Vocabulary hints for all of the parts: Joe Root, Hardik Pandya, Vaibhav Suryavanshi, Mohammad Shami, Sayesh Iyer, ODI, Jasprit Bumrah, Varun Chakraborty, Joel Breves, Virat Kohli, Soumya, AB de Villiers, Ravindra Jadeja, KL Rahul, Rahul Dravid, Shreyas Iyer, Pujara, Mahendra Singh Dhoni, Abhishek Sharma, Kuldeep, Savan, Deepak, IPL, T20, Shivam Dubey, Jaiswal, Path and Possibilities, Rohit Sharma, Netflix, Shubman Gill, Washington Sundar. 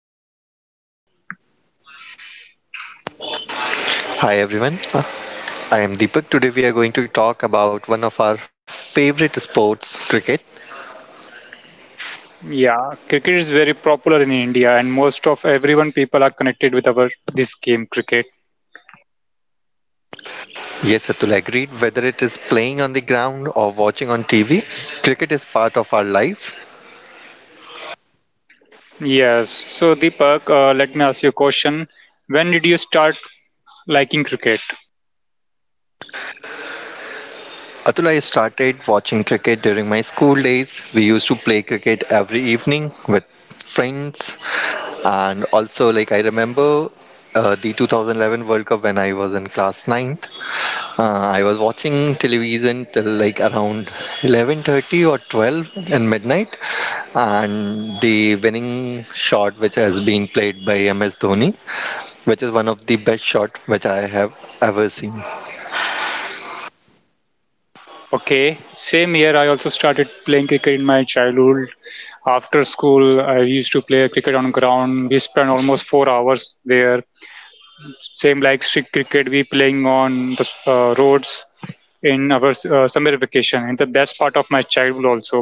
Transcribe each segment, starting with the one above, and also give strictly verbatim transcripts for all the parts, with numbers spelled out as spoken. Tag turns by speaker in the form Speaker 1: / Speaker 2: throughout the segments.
Speaker 1: Welcome to our podcast.
Speaker 2: Hi everyone, I am Deepak. Today we are going to talk about one of our favorite sports, cricket.
Speaker 1: Yeah, cricket is very popular in India, and most of everyone people are connected with our this game cricket.
Speaker 2: Yes, Atul agreed. Whether it is playing on the ground or watching on T V, cricket is part of our life.
Speaker 1: Yes. So Deepak, uh, let me ask you a question. When did you start liking cricket?
Speaker 2: Atul, I started watching cricket during my school days. We used to play cricket every evening with friends, and also like I remember uh, the two thousand eleven World Cup when I was in class nine. Uh, I was watching television till like around eleven thirty or twelve in midnight, and the winning shot, which has been played by M S Dhoni, which is one of the best shot which I have ever seen.
Speaker 1: Okay. Same year, I also started playing cricket in my childhood. After school, I used to play cricket on ground. We spent almost four hours there. Same like street cricket, we playing on the uh, roads. In our uh, summer vacation, and the best part of my childhood also.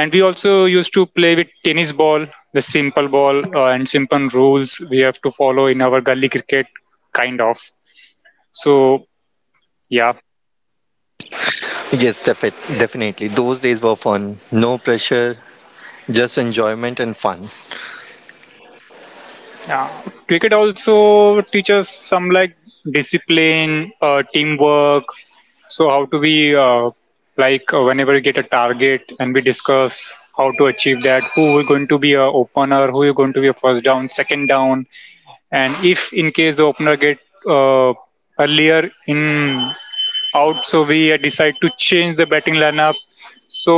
Speaker 1: And we also used to play with tennis ball, the simple ball, uh, and simple rules we have to follow in our gully cricket kind of, so yeah.
Speaker 2: Yes, defi- definitely. Those days were fun. No pressure, just enjoyment and fun.
Speaker 1: uh, Cricket also teaches some, like, discipline, uh, teamwork. So how do we, uh, like, uh, whenever we get a target and we discuss how to achieve that, who is going to be a opener, who is going to be a first down, second down. And if in case the opener get uh, earlier in out, so we, uh, decide to change the batting lineup. So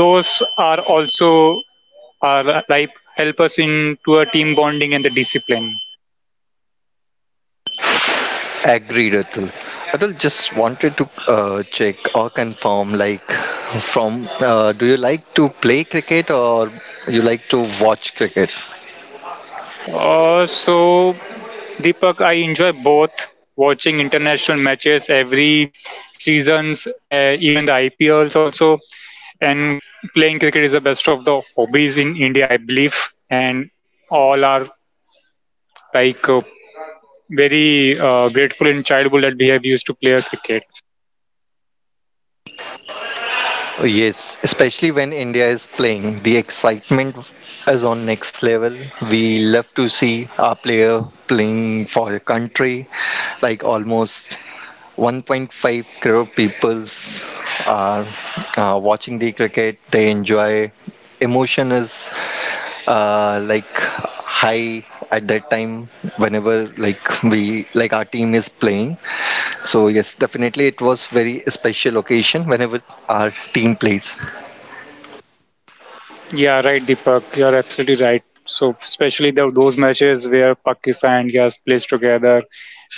Speaker 1: those are also are like help us into a team bonding and the discipline.
Speaker 2: Agreed, Atul. Atul, just wanted to uh, check or confirm, like, from uh, do you like to play cricket or you like to watch cricket?
Speaker 1: Uh, so Deepak, I enjoy both, watching international matches every seasons, uh, even the ipls also. And playing cricket is the best of the hobbies in India, I believe, and all are like uh, very uh, grateful in childhood that we have used to play a cricket.
Speaker 2: Yes, especially when India is playing, the excitement is on next level. We love to see our player playing for a country, like almost one point five crore peoples are uh, watching the cricket. They enjoy. Emotion is uh, like high at that time whenever like we like our team is playing, so yes, definitely it was very special occasion whenever our team plays.
Speaker 1: Yeah, right, Deepak. You are absolutely right. So, especially the, those matches where Pakistan and India plays together,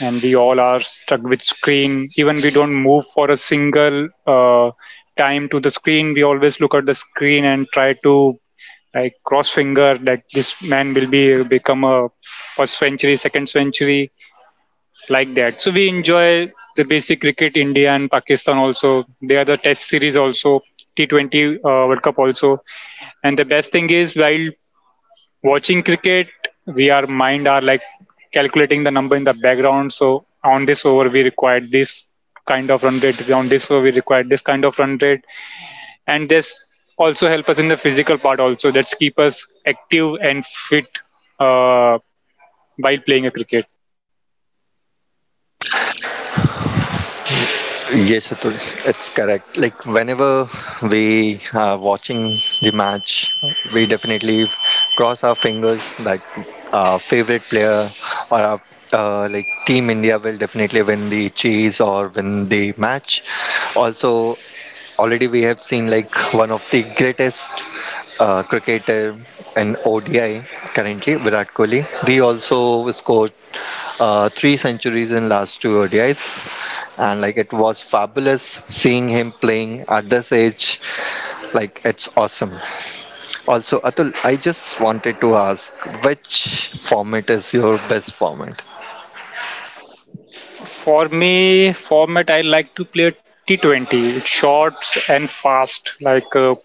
Speaker 1: and we all are stuck with screen. Even we don't move for a single uh, time to the screen. We always look at the screen and try to, like, cross finger that this man will be become a first century, second century, like that. So we enjoy the basic cricket, India and Pakistan also. They are the Test series also, T twenty uh, World Cup also. And the best thing is while watching cricket, we our mind are like calculating the number in the background. So on this over, we required this kind of run rate. On this over, we required this kind of run rate, and this also help us in the physical part also. That's keep us active and fit uh, while playing a cricket.
Speaker 2: Yes it was, it's correct, like whenever we are watching the match, we definitely cross our fingers that our favorite player or our uh, like team India will definitely win the chase or win the match also. Already we have seen like one of the greatest uh, cricketer in O D I currently, Virat Kohli. He also scored uh, three centuries in last two O D Is, and like it was fabulous seeing him playing at this age. Like it's awesome. Also, Atul, I just wanted to ask which format is your best format?
Speaker 1: For me, format I like to play T twenty, short and fast. Like, uh,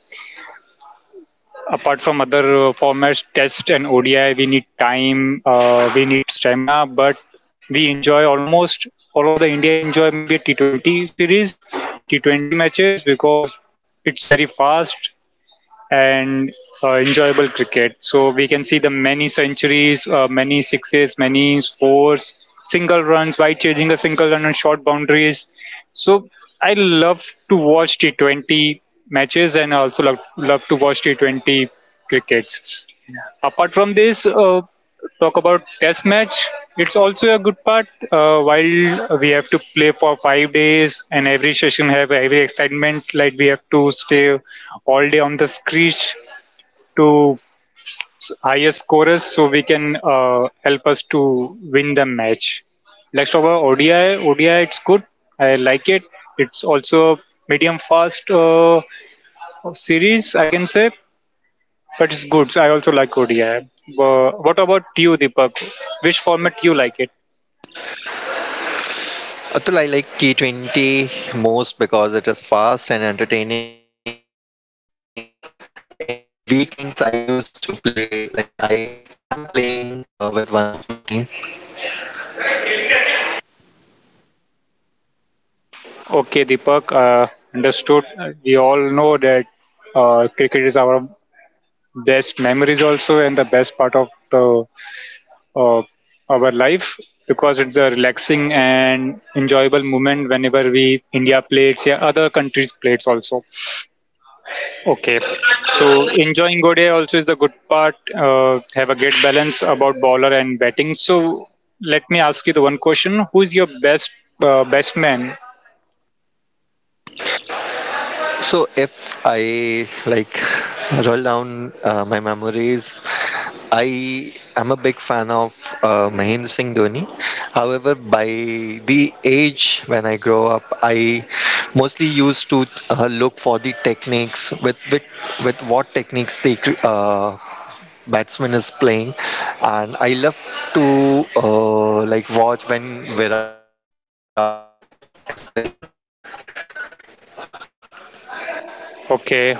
Speaker 1: apart from other uh, formats, Test and O D I, we need time, uh, we need stamina. But we enjoy almost all of the India enjoy maybe t T20 series, T twenty matches because it's very fast and uh, enjoyable cricket. So we can see the many centuries, uh, many sixes, many fours, single runs by chasing a single run and short boundaries. So I love to watch T twenty matches, and I also love, love to watch T twenty cricket. Apart from this, uh, talk about test match. It's also a good part. Uh, while we have to play for five days, and every session have every excitement. Like we have to stay all day on the screech to s- highest scorers, so we can uh, help us to win the match. Let's talk about O D I. O D I, it's good. I like it. It's also medium fast uh, series, I can say. But it's good. I also like O D I. But what about you, Deepak? Which format you like it?
Speaker 2: Atul, I like T twenty most because it is fast and entertaining, and also like in weekends I used to play like i am playing uh, with one of my team.
Speaker 1: Okay, Deepak. Uh, understood. We all know that uh, cricket is our best memories also, and the best part of the uh, our life, because it's a relaxing and enjoyable moment whenever we India plates, yeah, other countries plates also. Okay, so enjoying Godiya also is the good part. Uh, have a great balance about bowler and batting. So let me ask you the one question: who is your best uh, best man?
Speaker 2: So if I like roll down uh, my memories, I am a big fan of uh, Mahendra Singh Dhoni. However, by the age when I grow up, I mostly used to uh, look for the techniques with with, with what techniques they cr- uh, batsman is playing, and I love to uh, like watch when Virat.
Speaker 1: Okay,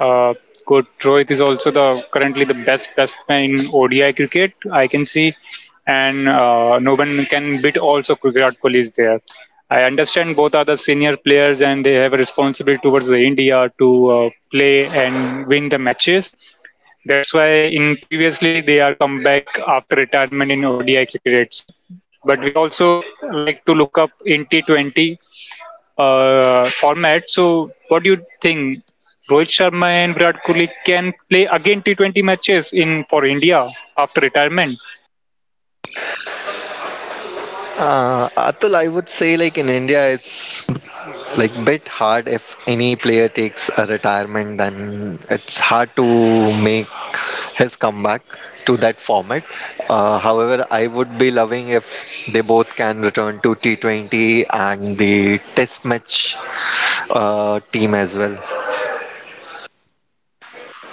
Speaker 1: uh, good. Rohit is also the currently the best best man in O D I cricket, I can see. And uh, no one can beat also Virat Kohli is there. I understand both are the senior players and they have a responsibility towards the India to uh, play and win the matches. That's why in previously they are come back after retirement in O D I crickets. But we also like to look up in T twenty uh, format. So what do you think? Rohit Sharma and Virat Kohli can play again T twenty matches in for India after retirement.
Speaker 2: Uh, Atul, I would say like in India, it's like bit hard if any player takes a retirement, then it's hard to make his comeback to that format. Uh, however, I would be loving if they both can return to T twenty and the Test match uh, team as well.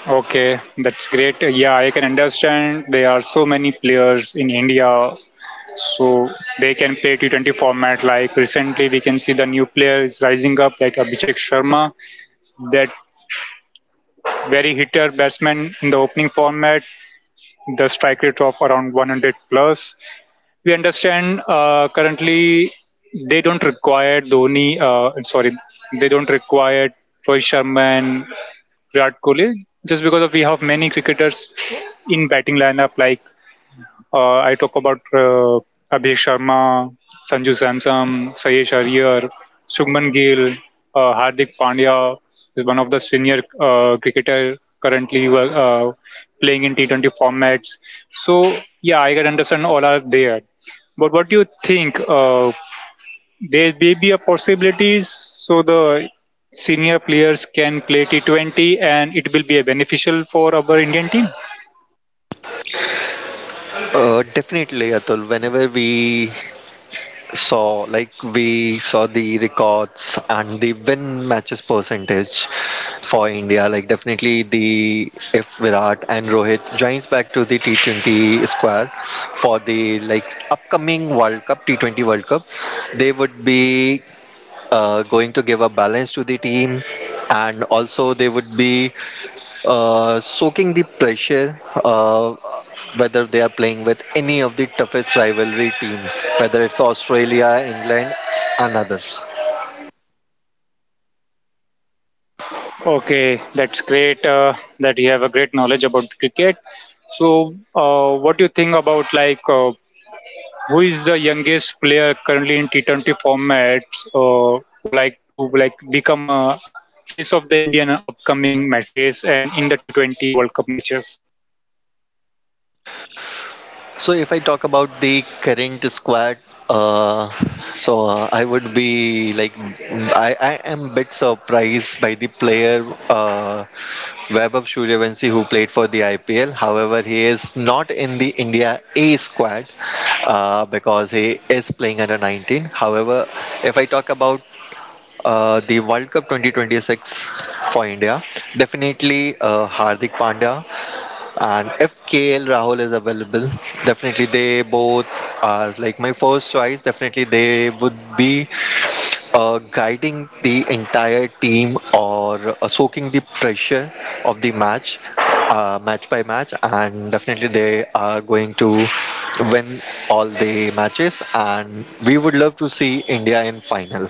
Speaker 1: Okay, that's great. Yeah, I can understand there are so many players in India, so they can play T twenty format. Like recently, we can see the new player is rising up, like Abhishek Sharma, that very hitter batsman in the opening format, the strike rate of around one hundred plus. We understand uh, currently they don't require Dhoni, uh, sorry, they don't require Rohit Sharma and Virat Kohli, just because of we have many cricketers in batting lineup, like uh, I talk about uh, Abhishek Sharma, Sanju Samson, Sayesh Iyer, Shubman Gill, uh, Hardik Pandya is one of the senior uh, cricketer currently wo- uh, playing in T twenty formats. So yeah, I can understand all are there. But what do you think? Uh, there may be a possibilities so the senior players can play T twenty and it will be a beneficial for our Indian team.
Speaker 2: Uh, definitely, Atul. Whenever we saw like we saw the records and the win matches percentage for India. Like definitely the if Virat and Rohit joins back to the T twenty squad for the like upcoming World Cup T twenty World Cup, they would be uh, going to give a balance to the team, and also they would be uh, soaking the pressure. Uh, whether they are playing with any of the toughest rivalry teams, whether it's Australia, England, and others.
Speaker 1: Okay, that's great uh, that you have a great knowledge about cricket. So, uh, what do you think about, like, uh, who is the youngest player currently in T twenty formats? Uh, who like to like become a face of the Indian upcoming matches and in the T twenty World Cup matches?
Speaker 2: So if I talk about the current squad, uh, so uh, I would be like I, I am bit surprised by the player uh, Vaibhav Suryavanshi who played for the I P L. However, he is not in the India A squad uh, because he is playing under nineteen. However, if I talk about uh, the World Cup twenty twenty-six for India. Definitely uh, Hardik Pandya. And if K L Rahul is available, definitely they both are like my first choice. Definitely they would be uh, guiding the entire team or uh, soaking the pressure of the match, uh, match by match, and definitely they are going to win all the matches. And we would love to see India in final.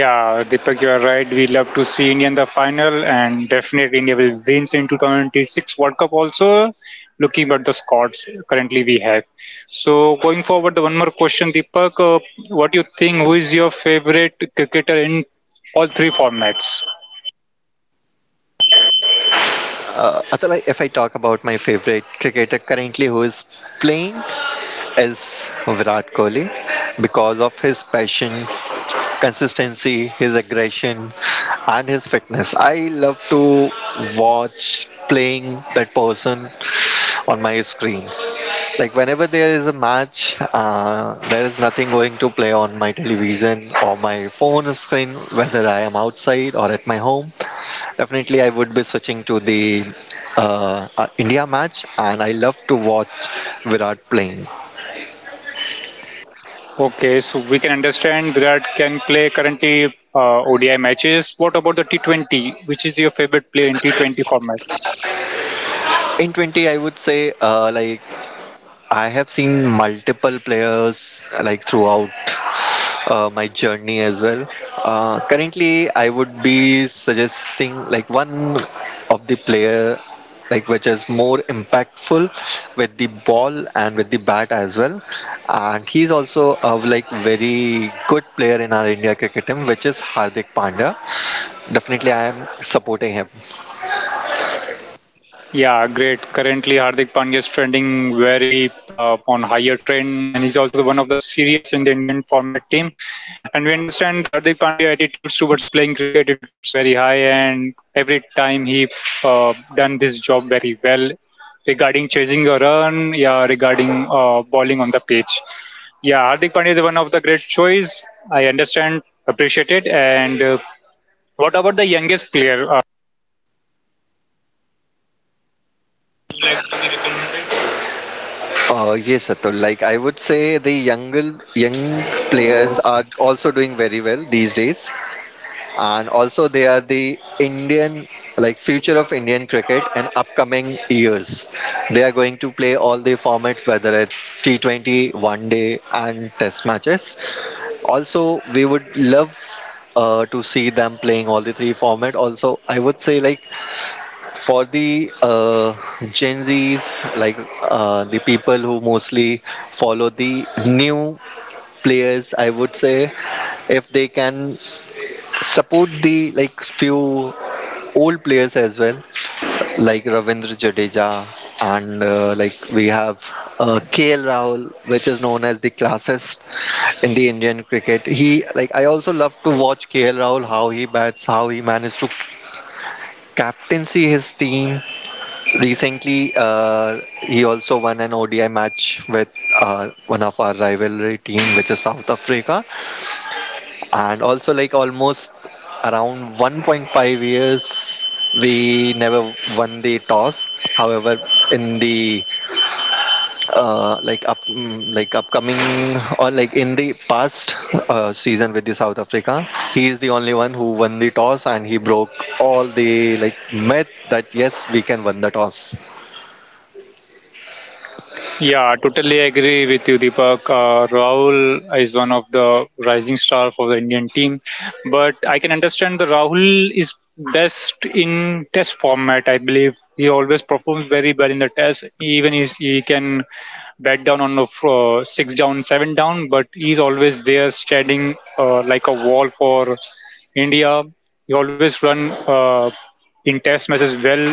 Speaker 1: Yeah, Deepak, you are right. We love to see India in the final, and definitely India will win in twenty twenty-six World Cup. Also, looking at the squads currently we have. So, going forward, the one more question, Deepak, uh, what do you think? Who is your favorite cricketer in all three formats?
Speaker 2: Uh, Atul, if I talk about my favorite cricketer currently who is playing is Virat Kohli because of his passion, consistency, his aggression, and his fitness. I love to watch playing that person on my screen. Like whenever there is a match, uh, there is nothing going to play on my television or my phone screen, whether I am outside or at my home. Definitely, I would be switching to the uh, uh, India match, and I love to watch Virat playing.
Speaker 1: Okay, so we can understand Virat can play currently uh, O D I matches. What about the T twenty? Which is your favorite player in T twenty format?
Speaker 2: In twenty, I would say uh, like I have seen multiple players like throughout uh, my journey as well. Uh, currently, I would be suggesting like one of the player like which is more impactful with the ball and with the bat as well, and he's also a like very good player in our India cricket team, which is Hardik Pandya. Definitely I am supporting him.
Speaker 1: Yeah, great. Currently, Hardik Pandya is trending very uh, on higher trend, and he's also one of the serious in the Indian format team. And we understand the Hardik Pandya attitudes towards playing cricket; it's very high, and every time he uh, done this job very well, regarding chasing a run, yeah, regarding uh, bowling on the pitch. Yeah, Hardik Pandya is one of the great choice. I understand, appreciate it. And uh, what about the youngest player? uh,
Speaker 2: Uh, yes, Atul. Like I would say, the younger young players are also doing very well these days, and also they are the Indian like future of Indian cricket in upcoming years. They are going to play all the formats, whether it's T twenty, One Day, and Test matches. Also, we would love uh, to see them playing all the three format. Also, I would say like for the uh, Gen Zs, like uh, the people who mostly follow the new players, I would say if they can support the like few old players as well, like Ravindra Jadeja, and uh, like we have uh, K L Rahul, which is known as the classist in the Indian cricket. He like I also love to watch K L Rahul how he bats, how he managed to captaincy his team. Recently, uh, he also won an O D I match with uh, one of our rivalry team, which is South Africa, and also like almost around one point five years we never won the toss. However, in the uh, like up mm, like upcoming or like in the past uh, season with the South Africa, he is the only one who won the toss, and he broke all the like myth that yes, we can win the toss.
Speaker 1: Yeah, totally agree with you, Deepak. Uh, Rahul is one of the rising star for the Indian team, but I can understand the Rahul is best in test format. I believe he always performs very well in the test, even if he can bat down on the f- uh, six down, seven down, but he's always there standing uh, like a wall for India. He always run uh, in test matches well.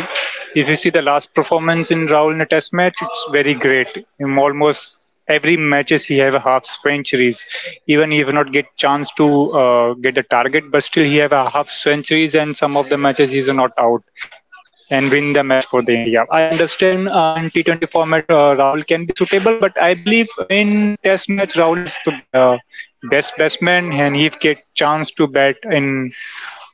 Speaker 1: If you see the last performance in Rahul in a test match, it's very great. In almost every matches he have a half centuries. Even he have not get chance to uh, get the target, but still he have a half centuries, and some of the matches he's not out and win the match for the India. I understand uh, in T twenty format uh, Rahul can be suitable, but I believe in Test match Rahul is the uh, best batsman, and he get chance to bat in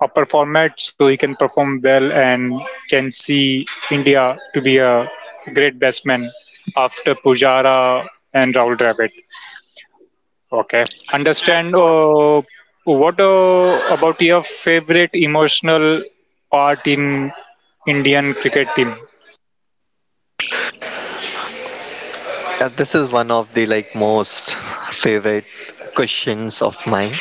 Speaker 1: upper format so he can perform well and can see India to be a great batsman after Pujara and Rahul Dravid. Okay, understand. Uh, what uh, about your favorite emotional part in Indian cricket team?
Speaker 2: Yeah, this is one of the like most favorite questions of mine.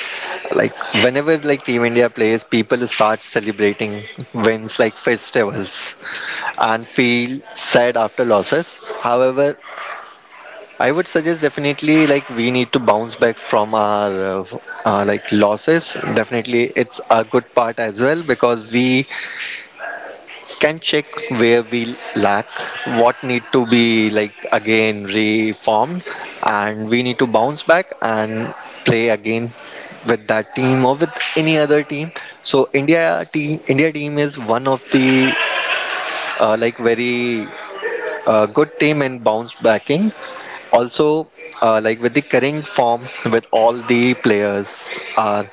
Speaker 2: Like whenever like Team India plays, people start celebrating wins like festivals and feel sad after losses. However, I would suggest definitely like we need to bounce back from our uh, uh, like losses. Definitely, it's a good part as well, because we can check where we lack, what need to be like again reformed, and we need to bounce back and play again with that team or with any other team. So India team, India team is one of the uh, like very uh, good team in bounce backing. Also, uh, like with the current form with all the players are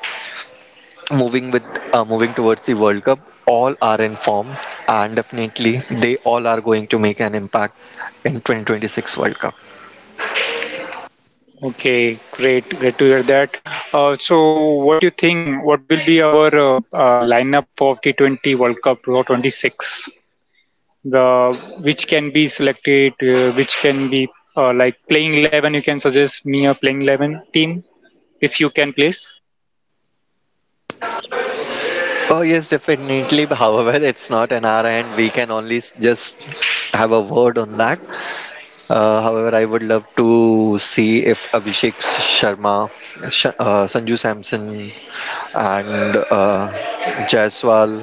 Speaker 2: moving with uh, moving towards the World Cup, all are in form, and definitely they all are going to make an impact in twenty twenty-six World Cup.
Speaker 1: Okay, great, great to hear that. Uh, so, what do you think? What will be our uh, uh, lineup for T Twenty World Cup twenty twenty-six? The which can be selected, uh, which can be uh, like playing eleven. You can suggest me a playing eleven team if you can, please.
Speaker 2: Oh yes, definitely. But however, it's not an hour, and we can only s- just have a word on that. Uh, however, I would love to see if Abhishek Sharma, Sh- uh, Sanju Samson, and uh, Jaiswal.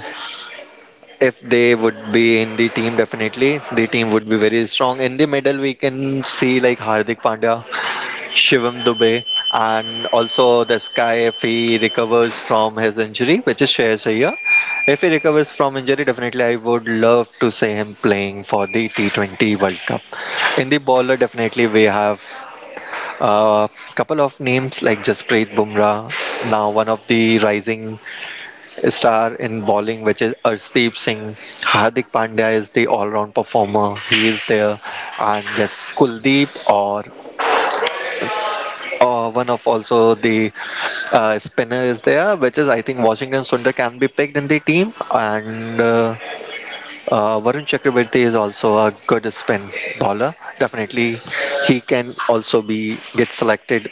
Speaker 2: If they would be in the team, definitely the team would be very strong. In the middle, we can see like Hardik Pandya, Shivam Dubey, and also this guy if he recovers from his injury, which is Shreyas Iyer. If he recovers from injury, definitely I would love to see him playing for the T twenty World Cup. In the bowler, definitely we have a couple of names like Jasprit Bumrah, now one of the rising star in bowling, which is Arshdeep Singh. Hardik Pandya is the all-round performer. He is there, and yes, Kuldeep or uh, one of also the uh, spinner is there, which is I think Washington Sundar can be picked in the team, and uh, uh, Varun Chakraborty is also a good spin bowler. Definitely, he can also be get selected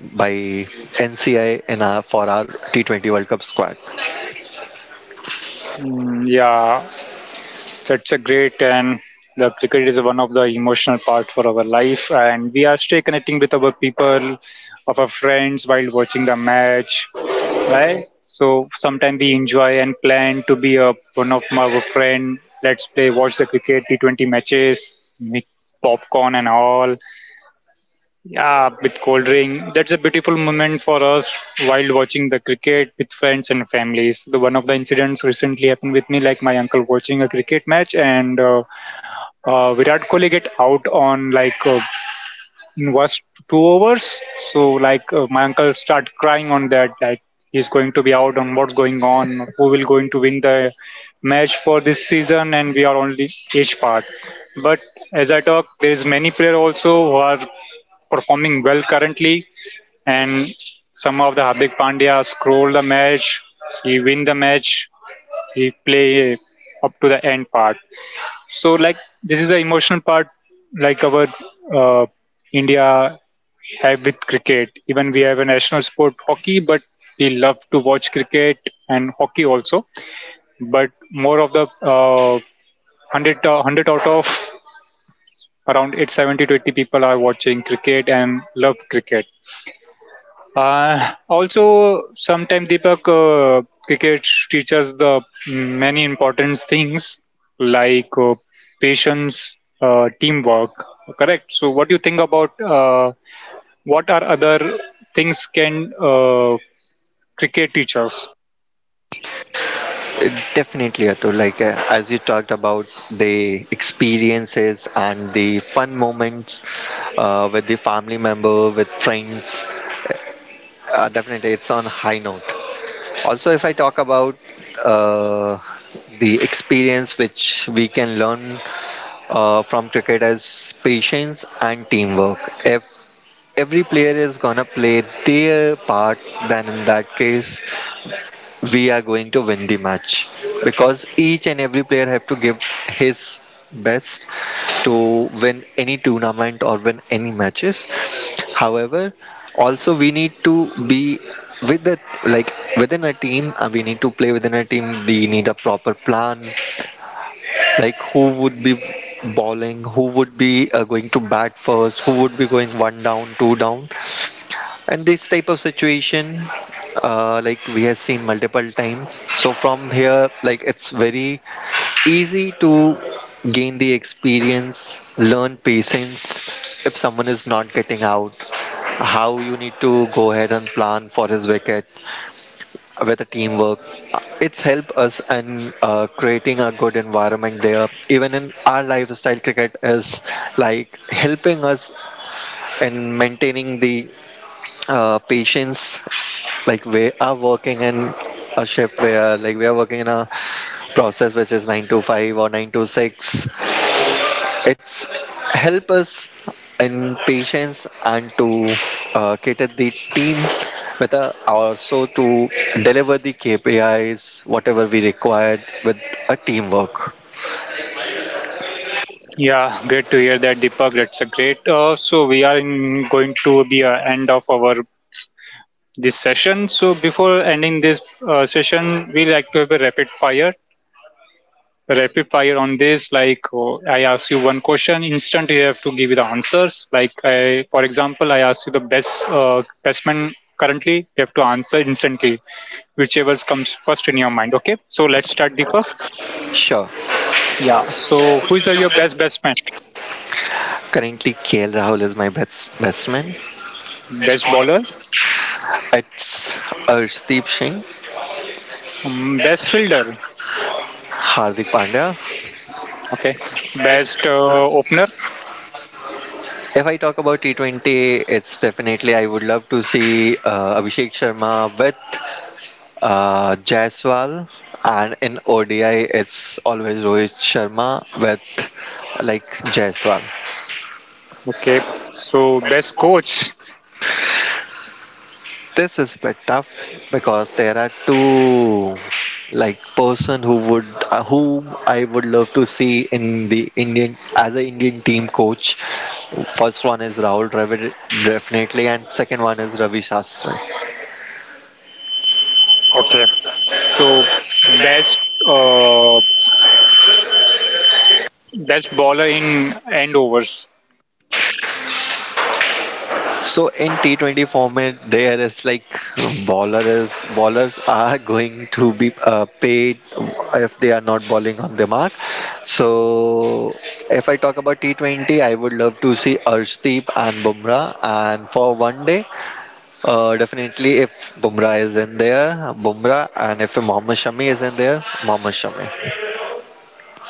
Speaker 2: by N C I in our, for our T twenty World Cup squad.
Speaker 1: Mm, yeah, that's a great, and the cricket is one of the emotional part for our life, and we are still connecting with our people, of our friends while watching the match, right? So sometimes we enjoy and plan to be a one of my our friend. Let's play, watch the cricket T Twenty matches, with popcorn and all. Yeah, with cold rain. That's a beautiful moment for us while watching the cricket with friends and families. The one of the incidents recently happened with me, like my uncle watching a cricket match, and uh, uh, Virat Kohli get out on, like, uh, in first two overs. So like uh, my uncle start crying on that, like he's going to be out on, what's going on, who will going to win the match for this season, and we are only each part. But as I talk, there is many player also who are performing well currently, and some of the Hardik Pandya scroll the match, he win the match, he play up to the end part. So like this is the emotional part, like our uh, India have with cricket. Even we have a national sport hockey, but we love to watch cricket and hockey also. But more of the uh, one hundred, uh, one hundred out of around eight seventy to eighty people are watching cricket and love cricket. Uh, Also, sometimes Deepak, uh, cricket teaches the many important things like uh, patience, uh, teamwork. Correct. So, what do you think about uh, what are other things can uh, cricket teach us?
Speaker 2: Definitely, Atul. Like uh, as you talked about the experiences and the fun moments uh, with the family member, with friends, uh, definitely it's on high note. Also, if I talk about uh, the experience which we can learn uh, from cricket is patience and teamwork. If every player is gonna play their part, then in that case we are going to win the match, because each and every player have to give his best to win any tournament or win any matches. However, also we need to be with the like within a team, uh, we need to play within a team, we need a proper plan, like who would be bowling, who would be uh, going to bat first, who would be going one down two down, and this type of situation, uh, like we have seen multiple times. So from here, like it's very easy to gain the experience, learn patience. If someone is not getting out, how you need to go ahead and plan for his wicket with the teamwork. It's helped us in uh, creating a good environment there. Even in our lifestyle, cricket is like helping us in maintaining the uh, patients, like we are working in a shift where like we are working in a process which is nine to five or nine to six. It's help us in patience and to uh, cater the team with a, also to deliver the K P Is whatever we required with a teamwork.
Speaker 1: Yeah, great to hear that, Deepak. That's a great. Uh, so we are in, going to be uh, end of our this session. So before ending this uh, session, we like to have a rapid fire. Rapid fire on this, like, oh, I ask you one question, instant you have to give the answers, like, I, for example, I ask you the best uh, batsman currently, you have to answer instantly whichever comes first in your mind. Okay, so let's start, Deepak.
Speaker 2: Sure.
Speaker 1: Yeah, so who is the, your best batsman?
Speaker 2: Currently K L Rahul is my best best man.
Speaker 1: Best bowler.
Speaker 2: It's Arshdeep Singh,
Speaker 1: Mm, best fielder.
Speaker 2: Hardik Pandya.
Speaker 1: Okay, best uh, opener.
Speaker 2: If I talk about T twenty, it's definitely I would love to see uh, Abhishek Sharma with uh, Jaiswal, and in O D I, it's always Rohit Sharma with like Jaiswal.
Speaker 1: Okay, so best coach.
Speaker 2: This is bit tough because there are two like person who would uh, whom I would love to see in the Indian as a Indian team coach. First one is Rahul Dravid definitely, and second one is Ravi Shastri.
Speaker 1: Okay, so best uh, best bowler in end overs.
Speaker 2: So in T twenty format, there is like baller is ballers are going to be uh, paid if they are not bowling on the mark. So if I talk about T twenty, I would love to see Arshdeep and Bumrah, and for one day, uh, definitely if Bumrah is in there, Bumrah, and if Mohammad Shami is in there, Mohammad Shami.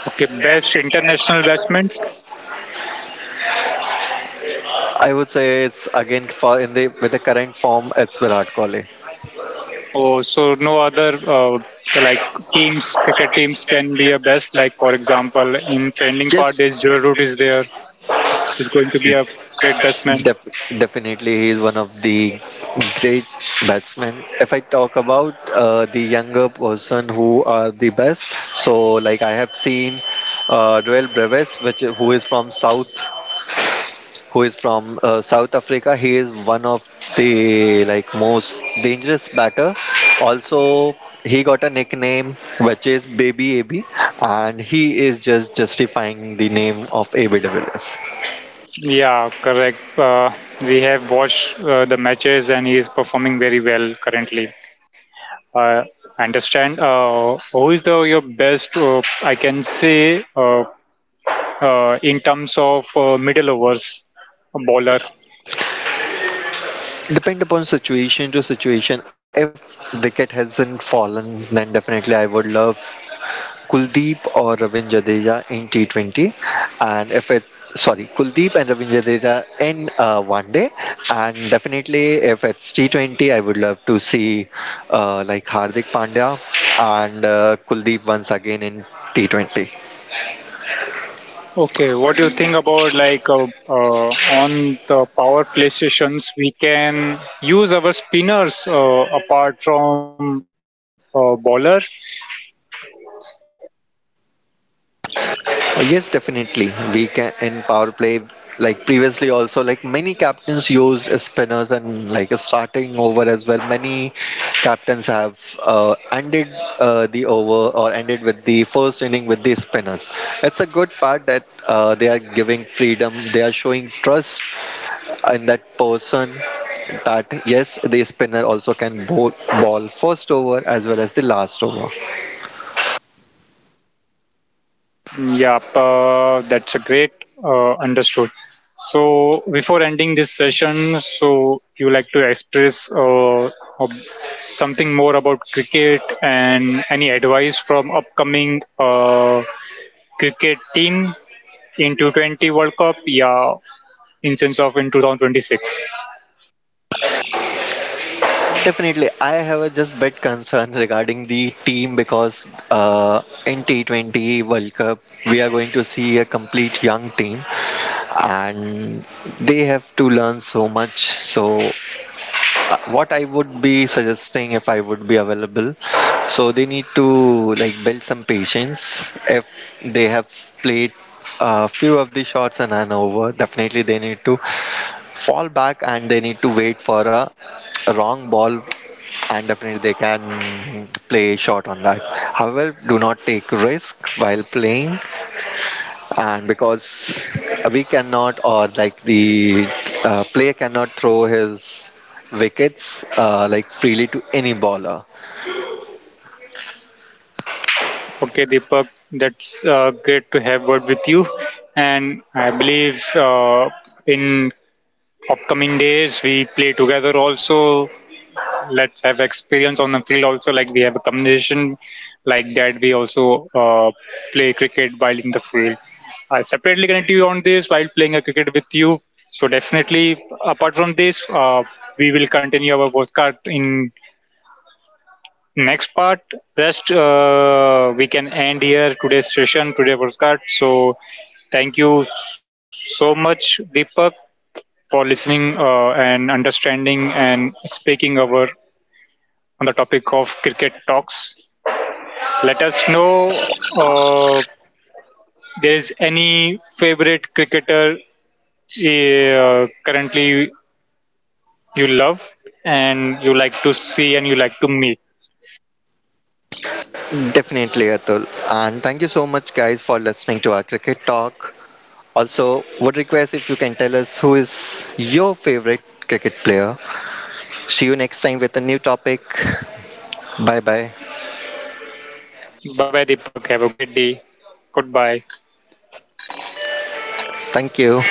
Speaker 1: Okay, best international batsmen.
Speaker 2: I would say it's again for in the with the current form, it's Virat Kohli.
Speaker 1: Oh, so no other uh, like teams, cricket teams can be a best. Like for example, in trending part, there's
Speaker 2: Yes.
Speaker 1: Joe Root is there. He's going to be a great batsman.
Speaker 2: Def- definitely, he is one of the great batsmen. If I talk about uh, the younger person who are the best, so like I have seen uh, Joel Breves, which who is from South who is from uh, South Africa. He is one of the like most dangerous batter. Also, he got a nickname which is Baby A B, and he is just justifying the name of A B de Villiers.
Speaker 1: Yeah, correct. Uh, we have watched uh, the matches, and he is performing very well currently. Uh, I understand. Uh, who is the your best? Uh, I can say uh, uh, in terms of uh, middle overs bowler.
Speaker 2: Depend upon situation to situation. If wicket hasn't fallen, then definitely I would love Kuldeep or Ravin Jadeja in T twenty, and if it sorry Kuldeep and Ravin Jadeja in uh, one day, and definitely if it's T twenty, I would love to see uh, like Hardik Pandya and uh, Kuldeep once again in T twenty.
Speaker 1: Okay, what do you think about, like, uh, uh, on the power PlayStations? We can use our spinners uh, apart from uh, bowlers.
Speaker 2: Uh, Yes, definitely. We can in power play like previously also, like many captains used spinners and like a starting over as well. Many captains have uh, ended uh, the over or ended with the first inning with the spinners. It's a good part that uh, they are giving freedom. They are showing trust in that person that yes, the spinner also can bowl ball first over as well as the last over.
Speaker 1: Yep, uh, that's a great uh, understood. So before ending this session, so you like to express uh, uh, something more about cricket and any advice from upcoming uh, cricket team in twenty twenty World Cup? Yeah, in sense of in twenty twenty-six.
Speaker 2: Definitely, I have a just bit concern regarding the team because uh, in T twenty World Cup we are going to see a complete young team, and they have to learn so much. So uh, what I would be suggesting if I would be available. So they need to like build some patience. If they have played a few of the shots and an over, definitely they need to fall back and they need to wait for a, a wrong ball, and definitely they can play short on that. However, do not take risk while playing, and because we cannot or like the uh, player cannot throw his wickets uh, like freely to any bowler.
Speaker 1: Okay, Deepak, that's uh, great to have word with you. And I believe uh, in upcoming days we play together also. Let's have experience on the field also. Like we have a combination like that. We also uh, play cricket while in the field. I separately connect you on this while playing a cricket with you. So definitely, apart from this, uh, we will continue our postcard in next part. Just uh, we can end here today's session, today podcast. So thank you so much, Deepak, for listening uh, and understanding and speaking over on the topic of cricket talks. Let us know uh, there's any favorite cricketer uh, currently you love, and you like to see and you like to meet.
Speaker 2: Mm, definitely Atul, and thank you so much guys for listening to our cricket talk. Also would request if you can tell us who is your favorite cricket player. See you next time with a new topic. Bye bye.
Speaker 1: Bye bye, Deepak. Have a great day. Goodbye.
Speaker 2: Thank you.